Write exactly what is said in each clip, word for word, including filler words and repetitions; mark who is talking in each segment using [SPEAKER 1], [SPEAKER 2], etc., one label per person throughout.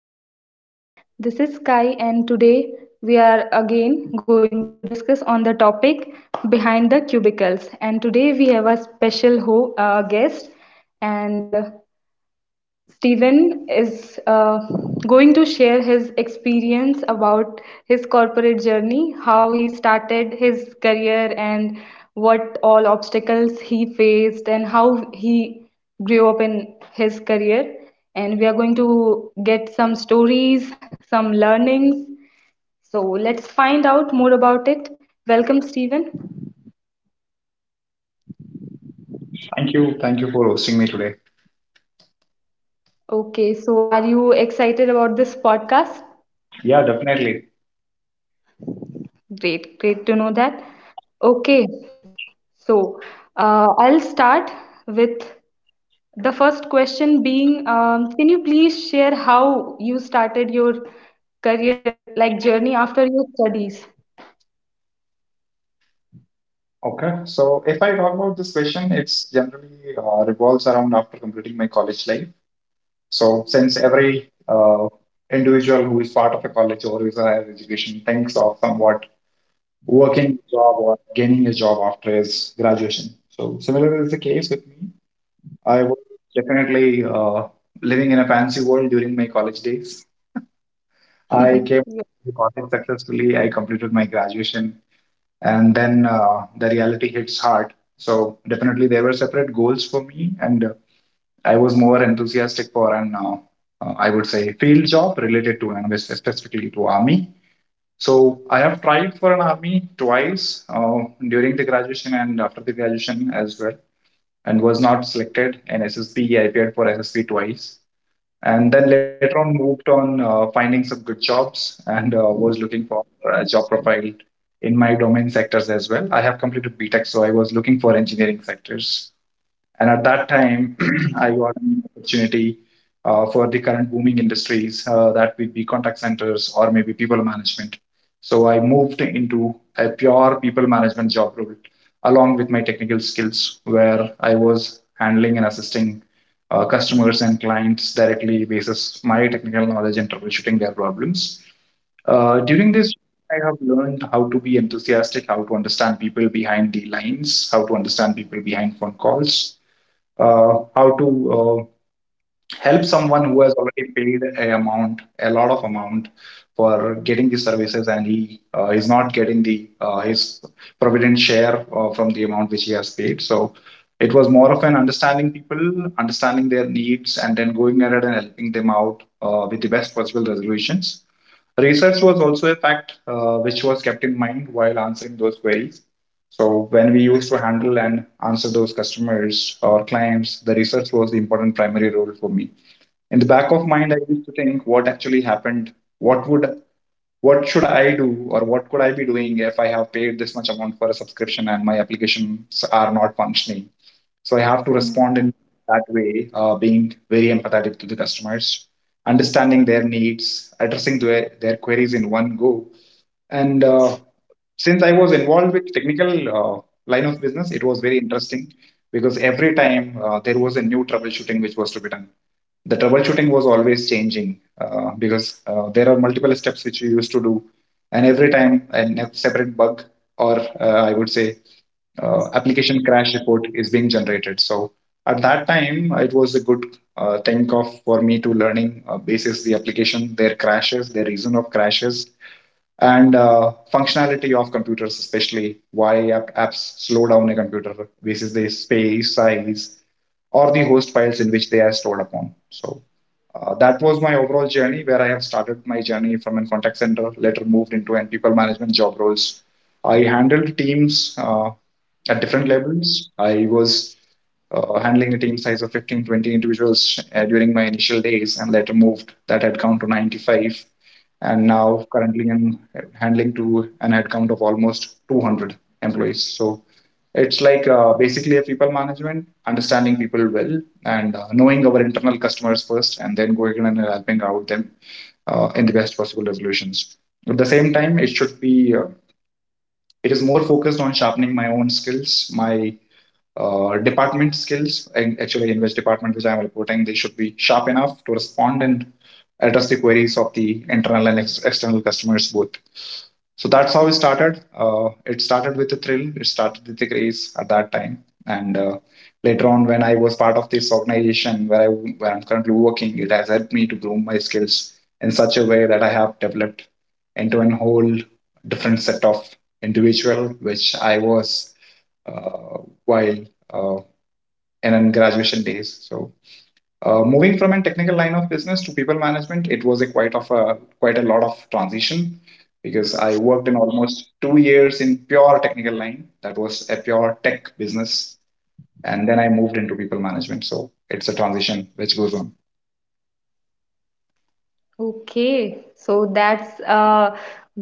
[SPEAKER 1] To our podcast. This is Sky and today we are again going to discuss on the topic behind the cubicles, and today we have a special ho- uh, guest, and uh, Stephen is uh, going to share his experience about his corporate journey, how he started his career, and what all obstacles he faced, and how he grew up in his career. And we are going to get some stories, some learnings. So let's find out more about it. Welcome, Stephen.
[SPEAKER 2] Thank you. Thank you for hosting me today.
[SPEAKER 1] Okay, so are you excited about this podcast?
[SPEAKER 2] Yeah, definitely.
[SPEAKER 1] Great, great to know that. Okay, So, uh, I'll start with the first question being, um, can you please share how you started your career, like journey after your studies?
[SPEAKER 2] Okay. So, if I talk about this question, it's generally uh, revolves around after completing my college life. So, since every uh, individual who is part of a college or who is a higher education thinks of somewhat working job or gaining a job after his graduation. So, similar is the case with me. I was definitely uh, living in a fancy world during my college days. I came to college successfully. I completed my graduation, and then uh, the reality hits hard. So definitely there were separate goals for me, and uh, I was more enthusiastic for an uh, uh, I would say field job related to and specifically to army. So I have tried for an army twice uh, during the graduation and after the graduation as well, and was not selected in S S P. I appeared for S S P twice, and then later on moved on uh, finding some good jobs, and uh, was looking for a job profile in my domain sectors as well. I have completed B Tech, so I was looking for engineering sectors, and at that time, I got an opportunity uh, for the current booming industries, uh, that would be contact centers or maybe people management. So I moved into a pure people management job role along with my technical skills, where I was handling and assisting uh, customers and clients directly basis my technical knowledge and troubleshooting their problems. Uh, during this, I have learned how to be enthusiastic, how to understand people behind the lines, how to understand people behind phone calls, uh, how to uh, help someone who has already paid a amount a lot of amount for getting the services, and he uh, is not getting the uh, his provident share uh, from the amount which he has paid. So it was more of an understanding people, understanding their needs, and then going ahead and helping them out uh, with the best possible resolutions. Research was also a fact uh, which was kept in mind while answering those queries. So when we used to handle and answer those customers or clients, the research was the important primary role for me. In the back of mind, I used to think what actually happened, what would what should I do, or what could I be doing if I have paid this much amount for a subscription and my applications are not functioning. So I have to
[SPEAKER 1] Yeah.
[SPEAKER 2] respond in that way, uh, being very empathetic to the customers, understanding their needs, addressing their, their queries in one go, and uh, since I was involved with technical uh, line of business, it was very interesting because every time uh, there was a new troubleshooting which was to be done. The troubleshooting was always changing, uh, because uh, there are multiple steps which you used to do, and every time a ne- separate bug or uh, I would say uh, application crash report is being generated. So at that time, it was a good uh, think of for me to learning uh, basis the application, their crashes, their reason of crashes, and uh, functionality of computers, especially why app- apps slow down a computer basis the space size or the host files in which they are stored upon. So uh, that was my overall journey, where I have started my journey from a contact center, later moved into an people management job roles. I handled teams uh, at different levels. I was uh, handling a team size of fifteen, twenty individuals uh, during my initial days and later moved that headcount to ninety-five. And now currently I'm handling to an headcount of almost two hundred employees. So it's like uh, basically a people management, understanding people well, and uh, knowing our internal customers first, and then going and helping out them uh, in the best possible resolutions. At the same time, it should be uh, it is more focused on sharpening my own skills, my uh, department skills, and actually in which department which I am reporting, they should be sharp enough to respond and address the queries of the internal and ex- external customers both. So that's how it started. Uh, it started with a thrill. It started with a craze at that time, and uh, later on, when I was part of this organization where I where I'm currently working, it has helped me to groom my skills in such a way that I have developed into a whole different set of individual, which I was uh, while uh, and in graduation days. So uh, moving from a technical line of business to people management, it was a quite of a quite a lot of transition because I worked in almost two years in pure technical line. That was a pure tech business, and then I moved into people management. So it's a transition which goes on.
[SPEAKER 1] Okay, so that's a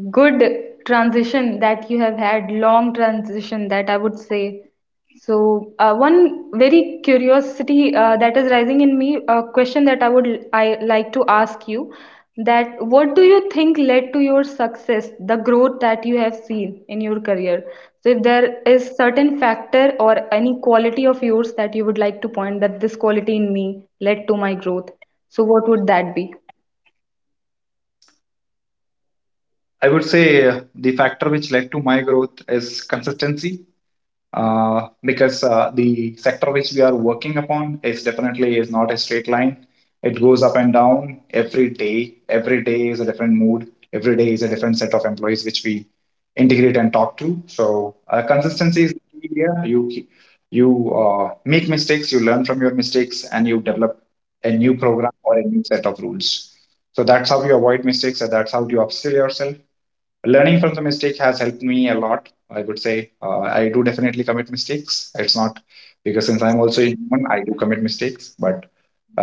[SPEAKER 1] good transition that you have had, long transition that I would say. So, uh, one very curiosity uh, that is rising in me, a question that I would I like to ask you, that what do you think led to your success, the growth that you have seen in your career? So, if there is certain factor or any quality of yours that you would like to point that this quality in me led to my growth, so what would that be?
[SPEAKER 2] I would say uh, the factor which led to my growth is consistency uh, because uh, the sector which we are working upon is definitely is not a straight line. It goes up and down every day. Every day is a different mood. Every day is a different set of employees which we integrate and talk to. So uh, consistency is key here. You keep- you uh, make mistakes, you learn from your mistakes, and you develop a new program or a new set of rules. So that's how you avoid mistakes, and that's how you upskill yourself. Learning from the mistake has helped me a lot, I would say. uh, I do definitely commit mistakes. It's not because, since I'm also a human, I do commit mistakes, but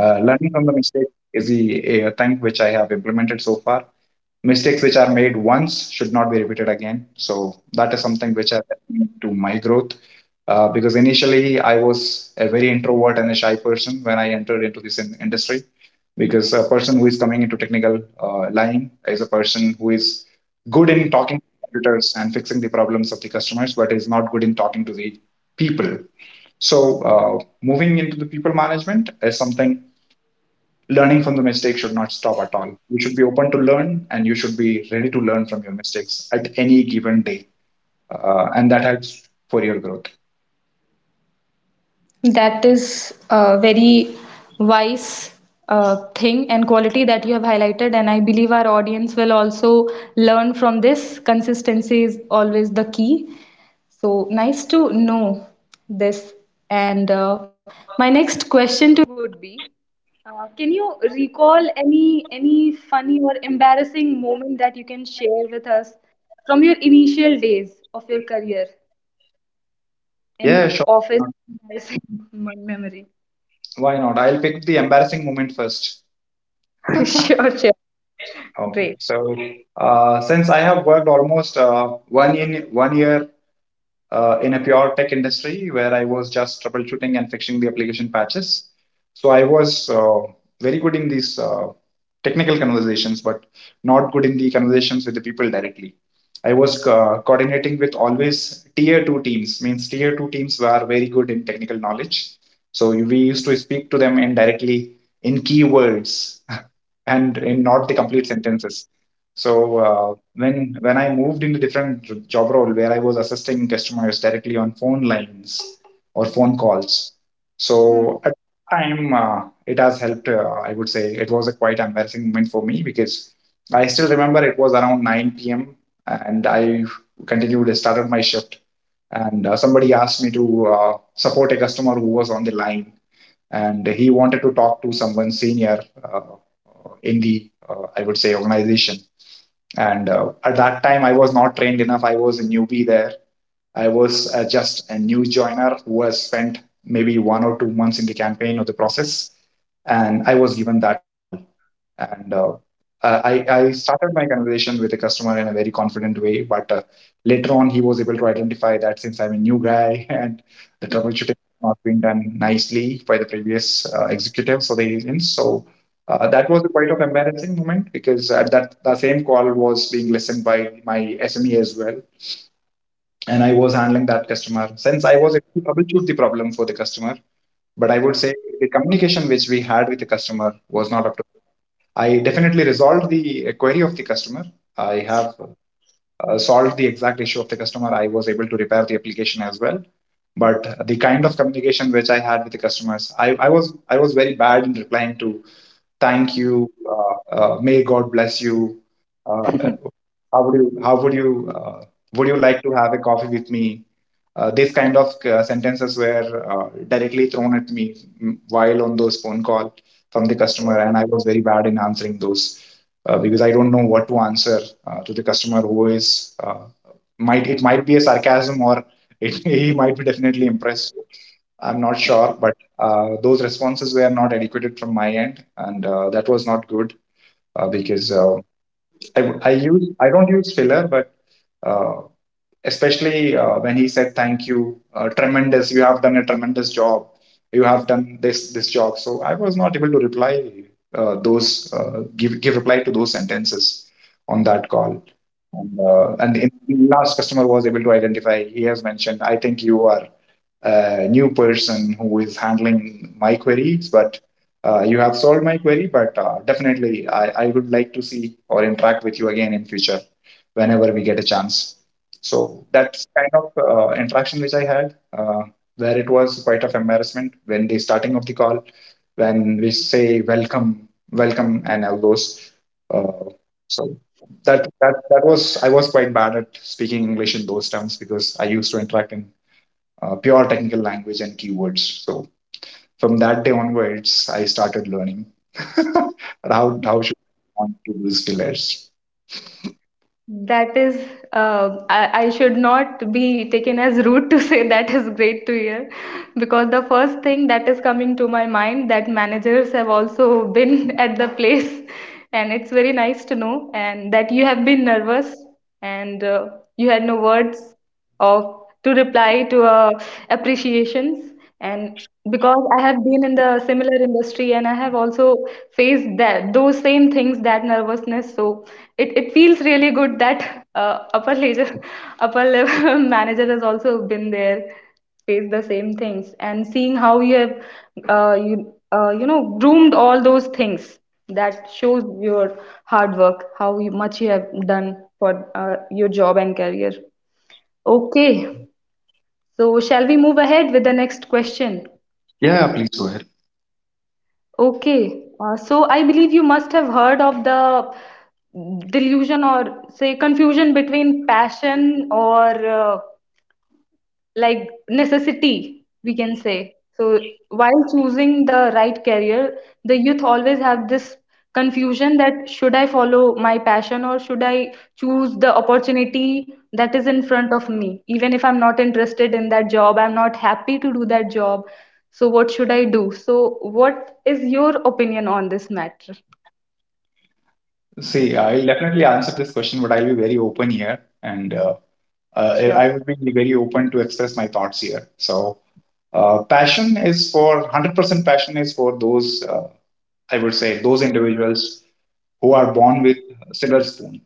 [SPEAKER 2] uh, learning from the mistake is the a thing which I have implemented so far. Mistakes which are made once should not be repeated again, so that is something which has helped me to my growth uh, because initially I was a very introvert and a shy person when I entered into this in- industry, because a person who is coming into technical uh, line is a person who is good in talking to computers and fixing the problems of the customers but is not good in talking to the people. So uh, moving into the people management is something. Learning from the mistakes should not stop at all. You should be open to learn and you should be ready to learn from your mistakes at any given day. Uh, and that helps for your growth.
[SPEAKER 1] Initial days of your career, any
[SPEAKER 2] Yeah, sure.
[SPEAKER 1] office embarrassing mem- memory?
[SPEAKER 2] Why not? I'll pick the embarrassing moment first.
[SPEAKER 1] Sure, sure.
[SPEAKER 2] Oh,
[SPEAKER 1] Great.
[SPEAKER 2] so uh, since I have worked almost uh, one in one year uh, in a pure tech industry where I was just troubleshooting and fixing the application patches. So I was uh, very good in these uh, technical conversations, but not good in the conversations with the people directly. I was uh, coordinating with always tier two teams, means tier two teams were very good in technical knowledge. So we used to speak to them indirectly in keywords and in not the complete sentences. So uh, when when I moved into different job role where I was assisting customers directly on phone lines or phone calls. So
[SPEAKER 1] Hmm.
[SPEAKER 2] at the time, uh, it has helped. Uh, I would say it was a quite embarrassing moment for me because I still remember it was around nine p m and I continued started my shift, and uh, somebody asked me to uh, support a customer who was on the line, and he wanted to talk to someone senior uh, in the uh, I would say organization. And uh, at that time, I was not trained enough. I was a newbie there. I was uh, just a new joiner who has spent maybe one or two months in the campaign or the process. And I was given that call, and uh, uh, I, I started my conversation with a customer in a very confident way, but uh, later on he was able to identify that since I'm a new guy and the troubleshooting has not been done nicely by the previous uh, executives or the agents. So uh, that was a quite of embarrassing moment because at that the same call was being listened by my S M E as well, and I was handling that customer. Since I was able to troubleshoot the problem for the customer, but I would say the communication which we had with the customer was not up to. I definitely resolved the query of the customer. I have uh, solved the exact issue of the customer. I was able to repair the application as well. But the kind of communication which I had with the customers, I, I was I was very bad in replying to thank you, uh, uh, may God bless you, uh, uh, how would you how would you uh, would you like to have a coffee with me. Uh, these kind of uh, sentences were uh, directly thrown at me mm, while on those phone call from the customer, and I was very bad in answering those, uh, because I don't know what to answer uh, to the customer who is uh, might, it might be a sarcasm, or it, he might be definitely impressed. I'm not sure, but uh, those responses were not adequate from my end, and uh, that was not good, uh, because uh, I, I use I don't use filler, but uh, especially uh, when he said thank you, uh, tremendous, you have done a tremendous job, you have done this this job. So I was not able to reply uh, those, uh, give give reply to those sentences on that call. And, uh, and in the last customer was able to identify. He has mentioned, I think you are a new person who is handling my queries, but uh, you have solved my query, but uh, definitely I, I would like to see or interact with you again in future whenever we get a chance. So that's kind of uh, interaction which I had, uh, where it was quite of embarrassment when the starting of the call, when we say welcome, welcome, and all those. Uh, so that that that was I was quite bad at speaking English in those terms, because I used to interact in uh, pure technical language and keywords. So from that day onwards, I started learning how how should I respond to these pillars.
[SPEAKER 1] That is, um I, I should not be taken as rude to say that is great to hear, because the first thing that is coming to my mind that managers have also been at the place, and it's very nice to know and that you have been nervous, and uh, you had no words of to reply to uh, appreciations, and because I have been in the similar industry and I have also faced that those same things, that nervousness. So it, it feels really good that uh, upper leisure upper level manager has also been there, faced the same things, and seeing how you have uh, you uh, you know, groomed all those things, that shows your hard work, how you, much you have done for uh, your job and career. Okay, so, shall we move ahead with the next question?
[SPEAKER 2] Yeah, please go ahead.
[SPEAKER 1] Okay. Uh, so, I believe you must have heard of the delusion or say confusion between passion or uh, like necessity, we can say. So while choosing the right career, the youth always have this confusion that should I follow my passion or should I choose the opportunity that is in front of me? Even if I'm not interested in that job, I'm not happy to do that job. So what should I do? So what is your opinion on this matter?
[SPEAKER 2] See, I'll definitely answer this question, but I'll be very open here, and uh, uh,
[SPEAKER 1] Sure.
[SPEAKER 2] I will be very open to express my thoughts here. So, uh, passion is for one hundred percent. Passion is for those, uh, I would say those individuals who are born with silver spoon,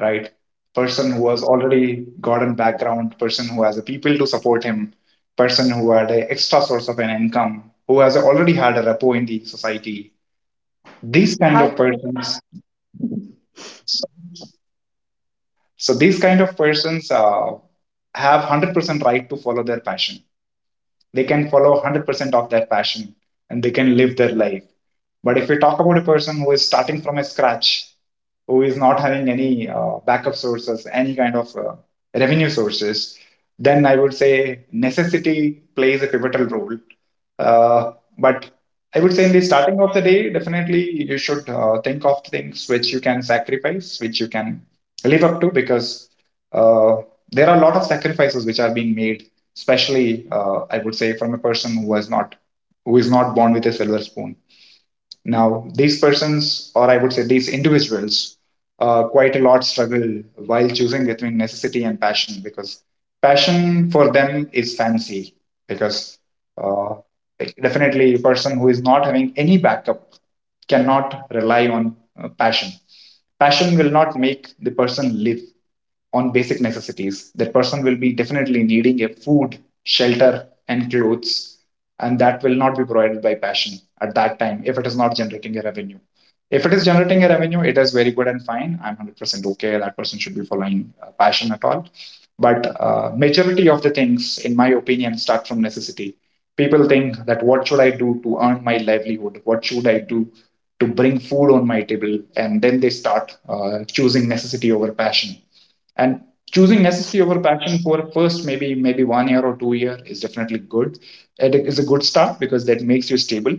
[SPEAKER 2] right? Person who has already gotten background, person who has the people to support him, person who had an extra source of an income, who has already had a repo in the society. These kind
[SPEAKER 1] Hard.
[SPEAKER 2] of persons, so these kind of persons uh, have one hundred percent right to follow their passion. They can follow one hundred percent of their passion, and they can live their life. But if we talk about a person who is starting from a scratch, who is not having any uh, backup sources, any kind of uh, revenue sources, then I would say necessity plays a pivotal role. uh, but I would say in the starting of the day, definitely you should uh, think of things which you can sacrifice, which you can live up to, because uh, there are a lot of sacrifices which are being made, especially uh, I would say from a person who was not who is not born with a silver spoon. Now these persons, or I would say these individuals, uh, quite a lot struggle while choosing between necessity and passion, because passion for them is fancy. Because uh, like, definitely a person who is not having any backup cannot rely on uh, passion. Passion will not make the person live on basic necessities. That person will be definitely needing a food, shelter and clothes, and that will not be provided by passion at that time, if it is not generating a revenue. If it is generating a revenue, it is very good and fine. I'm one hundred percent okay that person should be following uh, passion at all. But uh, majority of the things in my opinion start from necessity. People think that what should I do to earn my livelihood, what should I do to bring food on my table, and then they start uh, choosing necessity over passion. And choosing necessity over passion for first maybe maybe one year or two year is definitely good. It is a good start because that makes you stable.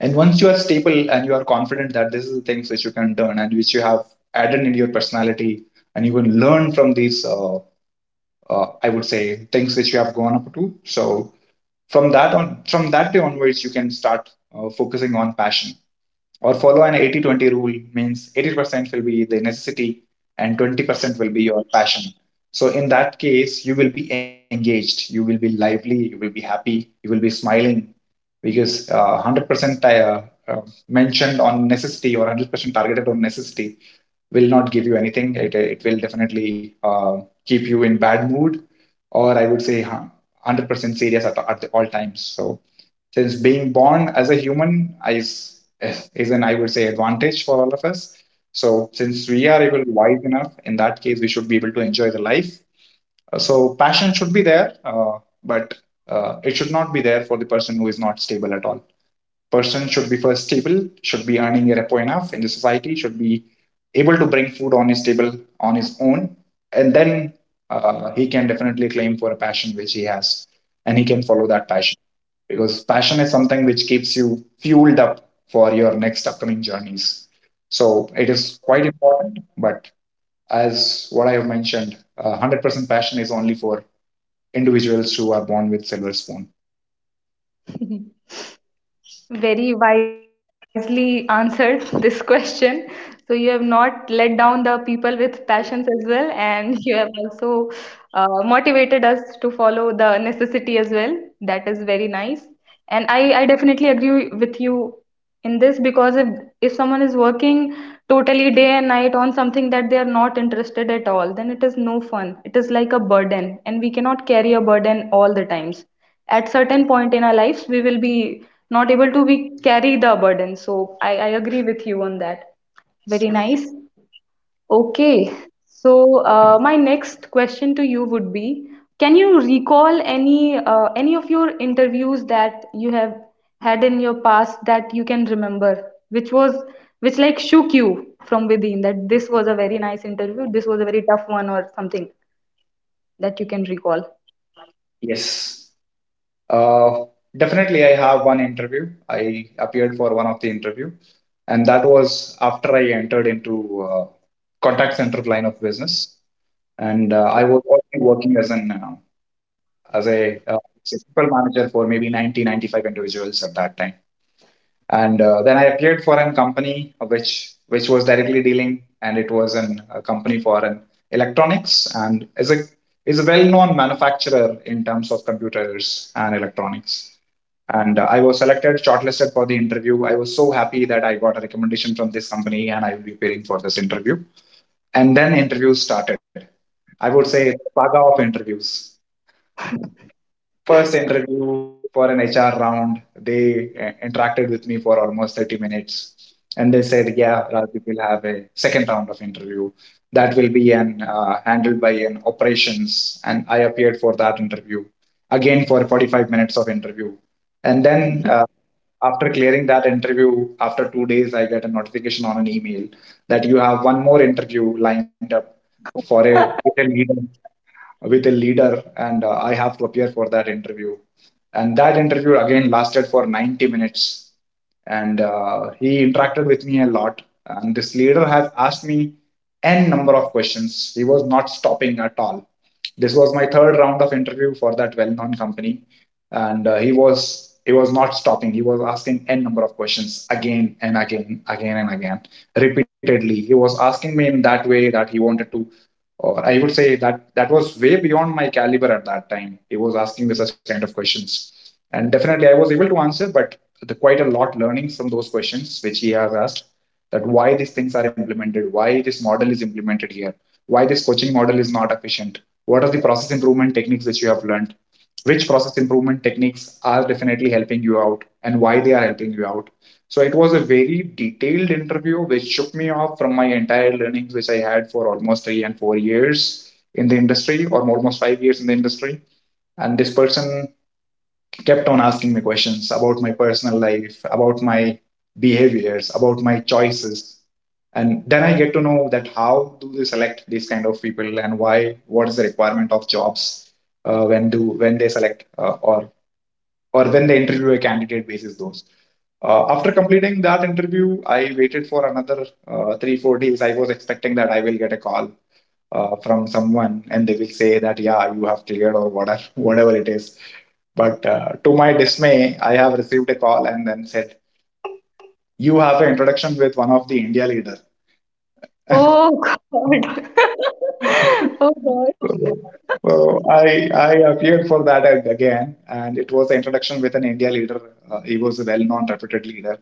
[SPEAKER 2] And once you are stable and you are confident that this is the things which you can learn and which you have added in your personality, and you can learn from these, uh, uh, I would say, things which you have gone up to. So from that on from that day onwards, you can start uh, focusing on passion, or follow an eighty twenty rule. Means eighty percent will be the necessity and twenty percent will be your passion. So in that case, you will be engaged, you will be lively, you will be happy, you will be smiling. Because uh, one hundred percent uh, uh, mentioned on necessity, or one hundred percent targeted on necessity will not give you anything. It, uh, it will definitely uh, keep you in bad mood, or I would say, huh, one hundred percent serious at, at all times. So since being born as a human is is an, I would say, advantage for all of us. So since we are able wise enough, in that case, we should be able to enjoy the life. Uh, So passion should be there, uh, but uh, it should not be there for the person who is not stable at all. Person should be first stable, should be earning a repo enough in the society, should be able to bring food on his table on his own, and then uh, he can definitely claim for a passion which he has, and he can follow that passion, because passion is something which keeps you fueled up for your next upcoming journeys. So it is quite important. But as what I have mentioned, uh, one hundred percent passion is only for individuals who are born with silver spoon.
[SPEAKER 1] Very wisely answered this question. So you have not let down the people with passions as well, and you have also uh, motivated us to follow the necessity as well. That is very nice. And I, I definitely agree with you in this, because if, if someone is working totally day and night on something that they are not interested at all, then it is no fun. It is like a burden, and we cannot carry a burden all the times. At certain point in our lives, we will be not able to be carry the burden. So I, I agree with you on that. Very nice. Okay, so uh, my next question to you would be, can you recall any uh, any of your interviews that you have had in your past that you can remember, which was which like shook you from within, that this was a very nice interview, this was a very tough one, or something that you can recall?
[SPEAKER 2] Yes, uh, definitely I have one interview. I appeared for one of the interview, and that was after I entered into uh, contact center line of business. And uh,
[SPEAKER 1] Okay.
[SPEAKER 2] I was already working as an, uh, as a, uh, simple manager for maybe ninety, ninety-five individuals at that time. And uh, then I appeared for a company which which was directly dealing, and it was an, a company for an electronics, and is a is a well known manufacturer in terms of computers and electronics. And uh, I was selected, shortlisted for the interview. I was so happy that I got a recommendation from this company, and I will be preparing for this interview. And then interviews started. I would say saga of interviews. First interview for an H R round, they uh, interacted with me for almost thirty minutes. And they said, yeah, Rajiv will have a second round of interview. That will be an, uh, handled by an operations. And I appeared for that interview again for forty-five minutes of interview. And then uh, after clearing that interview, after two days, I get a notification on an email that you have one more interview lined up for a, with a leader, with a leader. And uh, I have to appear for that interview, and that interview again lasted for ninety minutes. And uh, he interacted with me a lot, and this leader has asked me n number of questions. He was not stopping at all. This was my third round of interview for that well-known company. And uh, he was he was not stopping, he was asking n number of questions, again and again, again and again, repeatedly. He was asking me in that way that he wanted to, or I would say that that was way beyond my caliber at that time. He was asking me such kind of questions, and definitely I was able to answer. But the, quite a lot learning from those questions which he has asked, that why these things are implemented, why this model is implemented here, why this coaching model is not efficient, what are the process improvement techniques which you have learned, which process improvement techniques are definitely helping you out, and why they are helping you out. So it was a very detailed interview which shook me off from my entire learnings, which I had for almost three and four years in the industry, or almost five years in the industry. And this person kept on asking me questions about my personal life, about my behaviors, about my choices. And then I get to know that how do they select these kind of people and why, what is the requirement of jobs, uh, when do when they select, uh, or or when they interview a candidate basis those. Uh, after completing that interview, I waited for another, uh, three four days. I was expecting that I will get a call uh, from someone and they will say that, yeah, you have cleared, or whatever whatever it is. But uh, to my dismay, I have received a call and then said, you have an introduction with one of the India leader.
[SPEAKER 1] Oh God. Oh God.
[SPEAKER 2] So I, I appeared for that ag- again, and it was an introduction with an India leader. Uh, he was a well-known, reputed leader.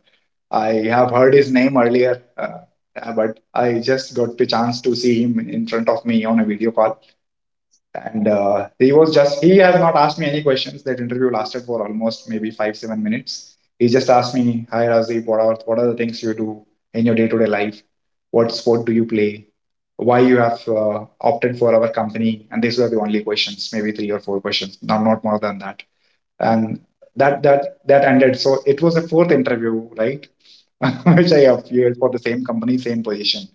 [SPEAKER 2] I have heard his name earlier, uh, uh, but I just got the chance to see him in front of me on a video call. And uh, he was just he has not asked me any questions that interview lasted for almost maybe five seven minutes. He just asked me, "Hi Razif, what are what are the things you do in your day-to-day life? What sport do you play? Why you have uh, opted for our company?" And these were the only questions, maybe three or four questions, no, not more than that. And that that that ended. So it was a fourth interview, right? Which I appeared for the same company, same position.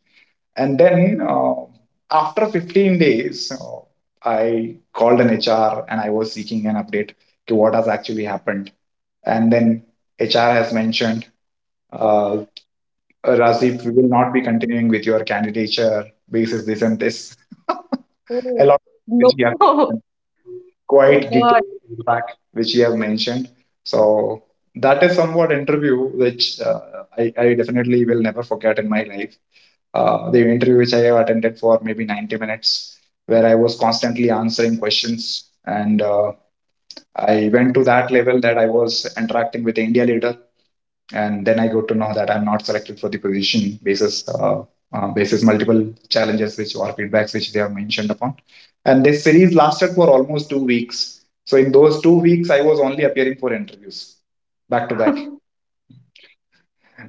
[SPEAKER 2] And then uh, after fifteen days, uh, I called an H R and I was seeking an update to what has actually happened. And then H R has mentioned, uh, "Razif, we will not be continuing with your candidature basis this and this." A
[SPEAKER 1] Oh
[SPEAKER 2] lot which
[SPEAKER 1] no.
[SPEAKER 2] he has mentioned,
[SPEAKER 1] Oh
[SPEAKER 2] quite
[SPEAKER 1] God.
[SPEAKER 2] detailed feedback which he has mentioned. So that is somewhat interview which uh, I, I definitely will never forget in my life. Uh, the interview which I have attended for maybe ninety minutes, where I was constantly answering questions. And uh, I went to that level that I was interacting with the India leader. And then I got to know that I'm not selected for the position basis, uh, uh, basis multiple challenges which or feedbacks which they have mentioned upon. And this series lasted for almost two weeks. So in those two weeks, I was only appearing for interviews back to back,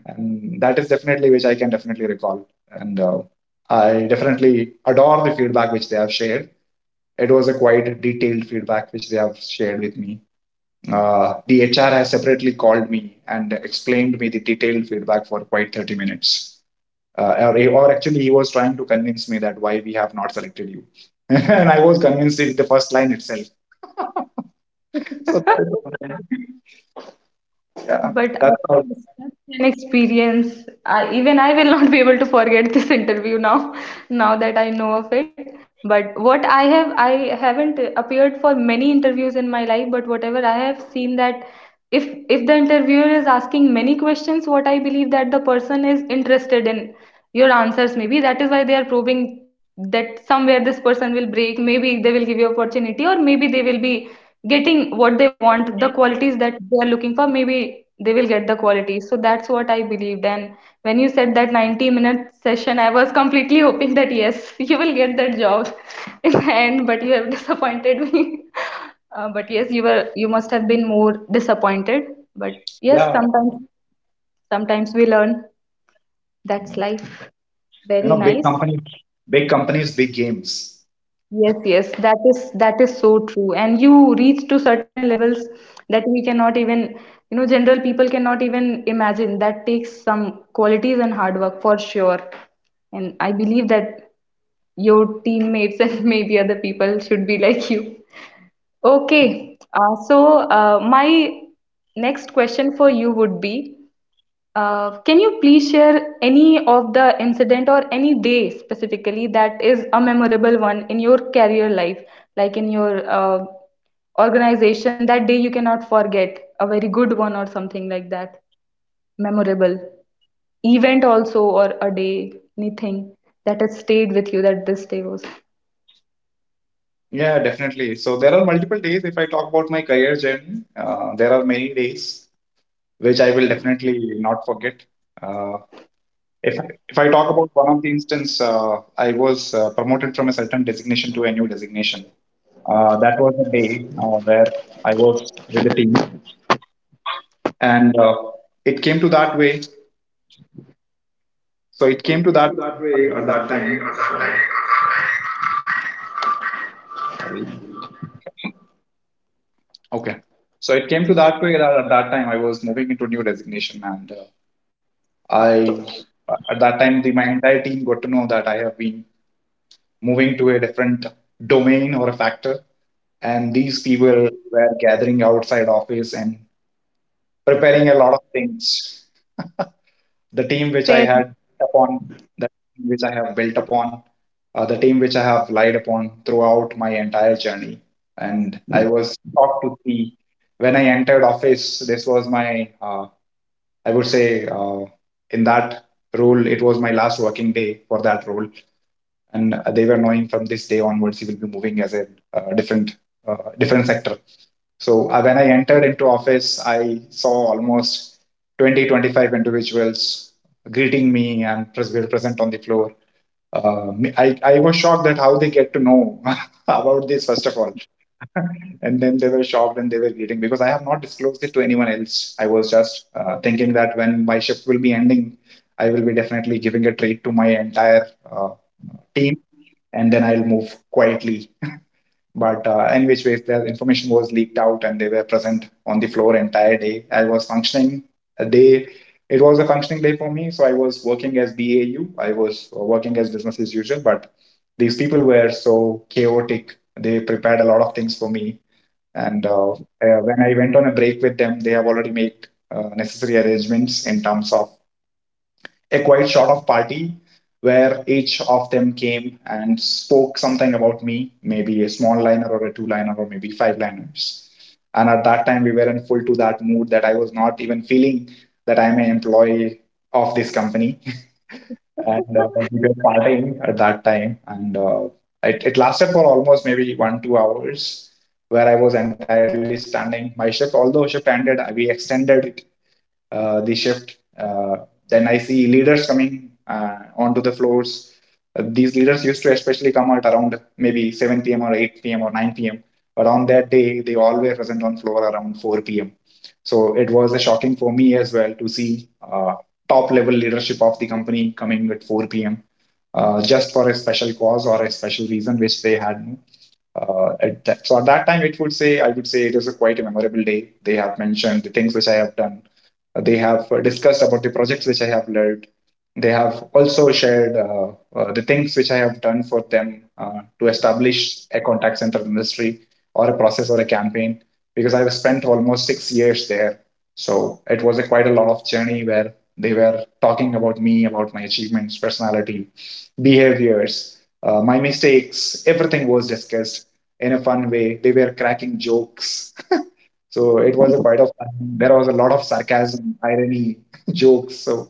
[SPEAKER 2] and that is definitely which I can definitely recall. And uh, I definitely adore the feedback which they have shared. It was a quite detailed feedback which they have shared with me. Uh, the H R has separately called me and explained me the detailed feedback for quite thirty minutes. Uh, or, or actually, he was trying to convince me that why we have not selected you. And I was convinced with the first line itself. So, yeah,
[SPEAKER 1] But
[SPEAKER 2] that's
[SPEAKER 1] after
[SPEAKER 2] how,
[SPEAKER 1] such an experience, I, even I will not be able to forget this interview now, now that I know of it. But what I have, I haven't appeared for many interviews in my life, but whatever I have seen, that if if the interviewer is asking many questions, what I believe, that the person is interested in your answers, maybe that is why they are probing, that somewhere this person will break, maybe they will give you opportunity, or maybe they will be getting what they want, the qualities that they are looking for, maybe they will get the qualities. So that's what I believed. And when you said that ninety minute session, I was completely hoping that yes, you will get that job in the end, but you have disappointed me. uh, but yes, you were, you must have been more disappointed, but yes,
[SPEAKER 2] yeah,
[SPEAKER 1] sometimes sometimes we learn. That's
[SPEAKER 2] you
[SPEAKER 1] life. Very
[SPEAKER 2] know, big
[SPEAKER 1] nice.
[SPEAKER 2] companies, big companies, big games.
[SPEAKER 1] Yes, yes, that is that is so true. And you reach to certain levels that we cannot even, you know, general people cannot even imagine. That takes some qualities and hard work for sure. And I believe that your teammates and maybe other people should be like you. Okay, uh, so uh, my next question for you would be. Uh, can you please share any of the incident or any day specifically that is a memorable one in your career life, like in your uh, organization, that day you cannot forget, a very good one or something like that, memorable event also or a day, anything that has stayed with you, that this day was. So
[SPEAKER 2] Yeah, definitely. So there are multiple days. If I talk about my career journey, uh, there are many days which I will definitely not forget. Uh, if I, if I talk about one of the instance, uh, I was uh, promoted from a certain designation to a new designation. Uh, that was the day uh, where I was with the team, and uh, it came to that way. So it came
[SPEAKER 1] it
[SPEAKER 2] to
[SPEAKER 1] came
[SPEAKER 2] that.
[SPEAKER 1] to that way at that time. So
[SPEAKER 2] Sorry. Okay. So it came to that way that at that time I was moving into new designation and. Uh, I At that time the my entire team got to know that I have been moving to a different domain or a factor, and these people were gathering outside office and preparing a lot of things. The team which I
[SPEAKER 1] fair.
[SPEAKER 2] had built upon, the team which I have built upon, uh, the team which I have relied upon throughout my entire journey, and I was shocked to see when I entered office. This was my uh, I would say uh, in that role, it was my last working day for that role, and they were knowing from this day onwards he will be moving as a uh, different uh, different sector. So uh, when I entered into office, I saw almost twenty twenty-five individuals greeting me and were present on the floor. Uh, I, I was shocked that how they get to know about this first of all. And then they were shocked and they were greeting because I have not disclosed it to anyone else. I was just uh, thinking that when my shift will be ending, I will be definitely giving a treat to my entire uh, team and then I'll move quietly. But uh, in which ways the information was leaked out, and they were present on the floor entire day. I was functioning a day, it was a functioning day for me, so I was working as B A U, I was uh, working as business as usual. But these people were so chaotic, they prepared a lot of things for me. And uh, uh, when I went on a break with them, they have already made uh, necessary arrangements in terms of a quite short of party, where each of them came and spoke something about me, maybe a small liner or a two liner or maybe five liners. And at that time, we were in full to that mood that I was not even feeling that I'm an employee of this company. And uh, we were partying at that time. And uh, it, it lasted for almost maybe one two hours, where I was entirely standing my shift. Although shift ended, we extended it, uh, the shift uh, then I see leaders coming uh, onto the floors. Uh, these leaders used to especially come at around maybe seven p.m or eight p.m or nine p.m, but on that day they all were present on floor around four p.m. So it was a shocking for me as well to see uh, top level leadership of the company coming at four p m. Uh, just for a special cause or a special reason which they had uh, at that, so at that time it would say I would say it is a quite a memorable day. They have mentioned the things which I have done, they have discussed about the projects which I have led, they have also shared uh, uh, the things which I have done for them uh, to establish a contact center industry or a process or a campaign, because I've spent almost six years there. So it was a quite a lot of journey where they were talking about me, about my achievements, personality, behaviors, uh, my mistakes. Everything was discussed in a fun way. They were cracking jokes, so it was a quite of fun. There was a lot of sarcasm, irony, jokes. So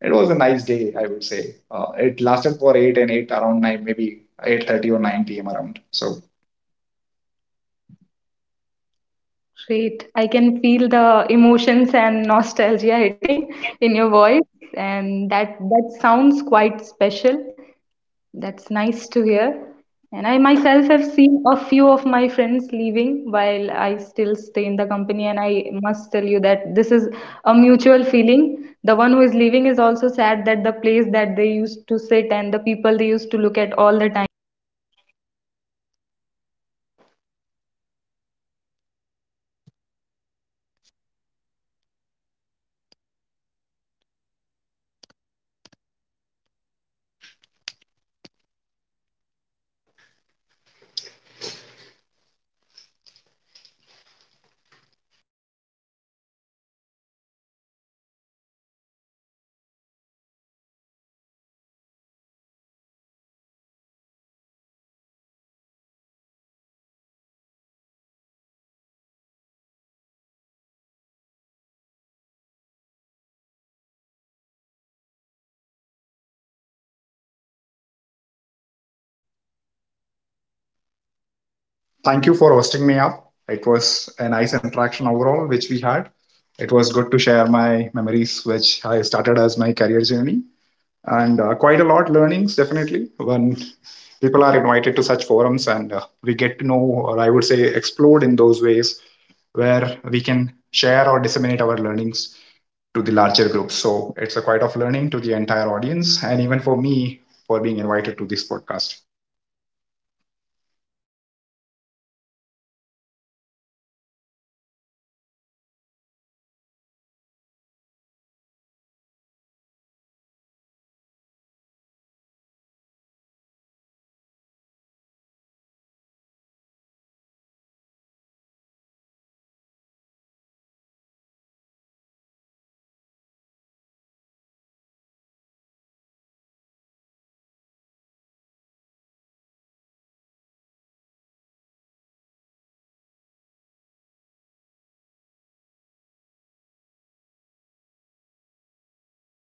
[SPEAKER 2] it was a nice day, I would say. Uh, it lasted for eight and eight around nine, maybe eight thirty or nine p m around. So
[SPEAKER 1] Great. I can feel the emotions and nostalgia hitting in your voice, and that that sounds quite special. That's nice to hear. And I myself have seen a few of my friends leaving while I still stay in the company, and I must tell you that this is a mutual feeling. The one who is leaving is also sad that the place that they used to sit and the people they used to look at all the time will no longer be part of their day-to-day life, and the people those who stay back, they also feel the same things, that this person used to be my buddy all the time, the person I'm going on break with, and this that eight hours every day, and suddenly. So that is a nostalgic thing, and the way you people did it for you, it's quite amazing. So with this we come to the end of this podcast, and uh, hope our audience liked it. So this is Sky signing off. We'll meet you next in the next podcast. Bye bye.
[SPEAKER 2] thank you for
[SPEAKER 1] Thank you
[SPEAKER 2] hosting
[SPEAKER 1] for
[SPEAKER 2] me
[SPEAKER 1] hosting me
[SPEAKER 2] up.
[SPEAKER 1] up.
[SPEAKER 2] It
[SPEAKER 1] It
[SPEAKER 2] was a
[SPEAKER 1] was
[SPEAKER 2] nice
[SPEAKER 1] a nice
[SPEAKER 2] interaction
[SPEAKER 1] interaction
[SPEAKER 2] overall, which
[SPEAKER 1] overall,
[SPEAKER 2] we
[SPEAKER 1] which we
[SPEAKER 2] had.
[SPEAKER 1] had.
[SPEAKER 2] It was
[SPEAKER 1] It
[SPEAKER 2] good
[SPEAKER 1] was
[SPEAKER 2] to
[SPEAKER 1] good to
[SPEAKER 2] share
[SPEAKER 1] share
[SPEAKER 2] my
[SPEAKER 1] my
[SPEAKER 2] memories,
[SPEAKER 1] memories,
[SPEAKER 2] which
[SPEAKER 1] which
[SPEAKER 2] I
[SPEAKER 1] I
[SPEAKER 2] started as
[SPEAKER 1] started
[SPEAKER 2] my
[SPEAKER 1] as my
[SPEAKER 2] career
[SPEAKER 1] career
[SPEAKER 2] journey.
[SPEAKER 1] journey.
[SPEAKER 2] And uh,
[SPEAKER 1] And uh,
[SPEAKER 2] quite a
[SPEAKER 1] quite
[SPEAKER 2] lot
[SPEAKER 1] a lot of
[SPEAKER 2] learnings
[SPEAKER 1] learnings,
[SPEAKER 2] definitely
[SPEAKER 1] definitely,
[SPEAKER 2] when
[SPEAKER 1] when
[SPEAKER 2] people are
[SPEAKER 1] people are
[SPEAKER 2] invited to
[SPEAKER 1] invited
[SPEAKER 2] such
[SPEAKER 1] to such
[SPEAKER 2] forums, and
[SPEAKER 1] forums,
[SPEAKER 2] uh,
[SPEAKER 1] and uh,
[SPEAKER 2] we get
[SPEAKER 1] we
[SPEAKER 2] to know,
[SPEAKER 1] get to know,
[SPEAKER 2] or I would
[SPEAKER 1] or I
[SPEAKER 2] say,
[SPEAKER 1] would say,
[SPEAKER 2] explode in
[SPEAKER 1] explore
[SPEAKER 2] those
[SPEAKER 1] in those
[SPEAKER 2] ways
[SPEAKER 1] ways.
[SPEAKER 2] where we can share or disseminate our learnings to the larger group. So it's a quite of learning to the entire audience and even for me for being invited to this podcast.
[SPEAKER 1] That's great. Thank you for joining us, Stephen. Have a great day. Link nahi karna. Leave नहीं करना बस आप रहने देना क्योंकि ये upload हो जाएगा उसके बाद से पाँच दस मिनट बाद कर देना। डन, आप मुझे आप बता देना जब लीव करना, मुझे फोन करना, ठीक है, thank you. Bye bye. Done. साले मेरी किस्मत में क्या लिखा है? नौ पंद्रह हो गया। लड़की, चल चल चल बाहर। बना लिया क्या तुम लोगों ने? हाँ हाँ। क्या? किसने बनाया? पूछो।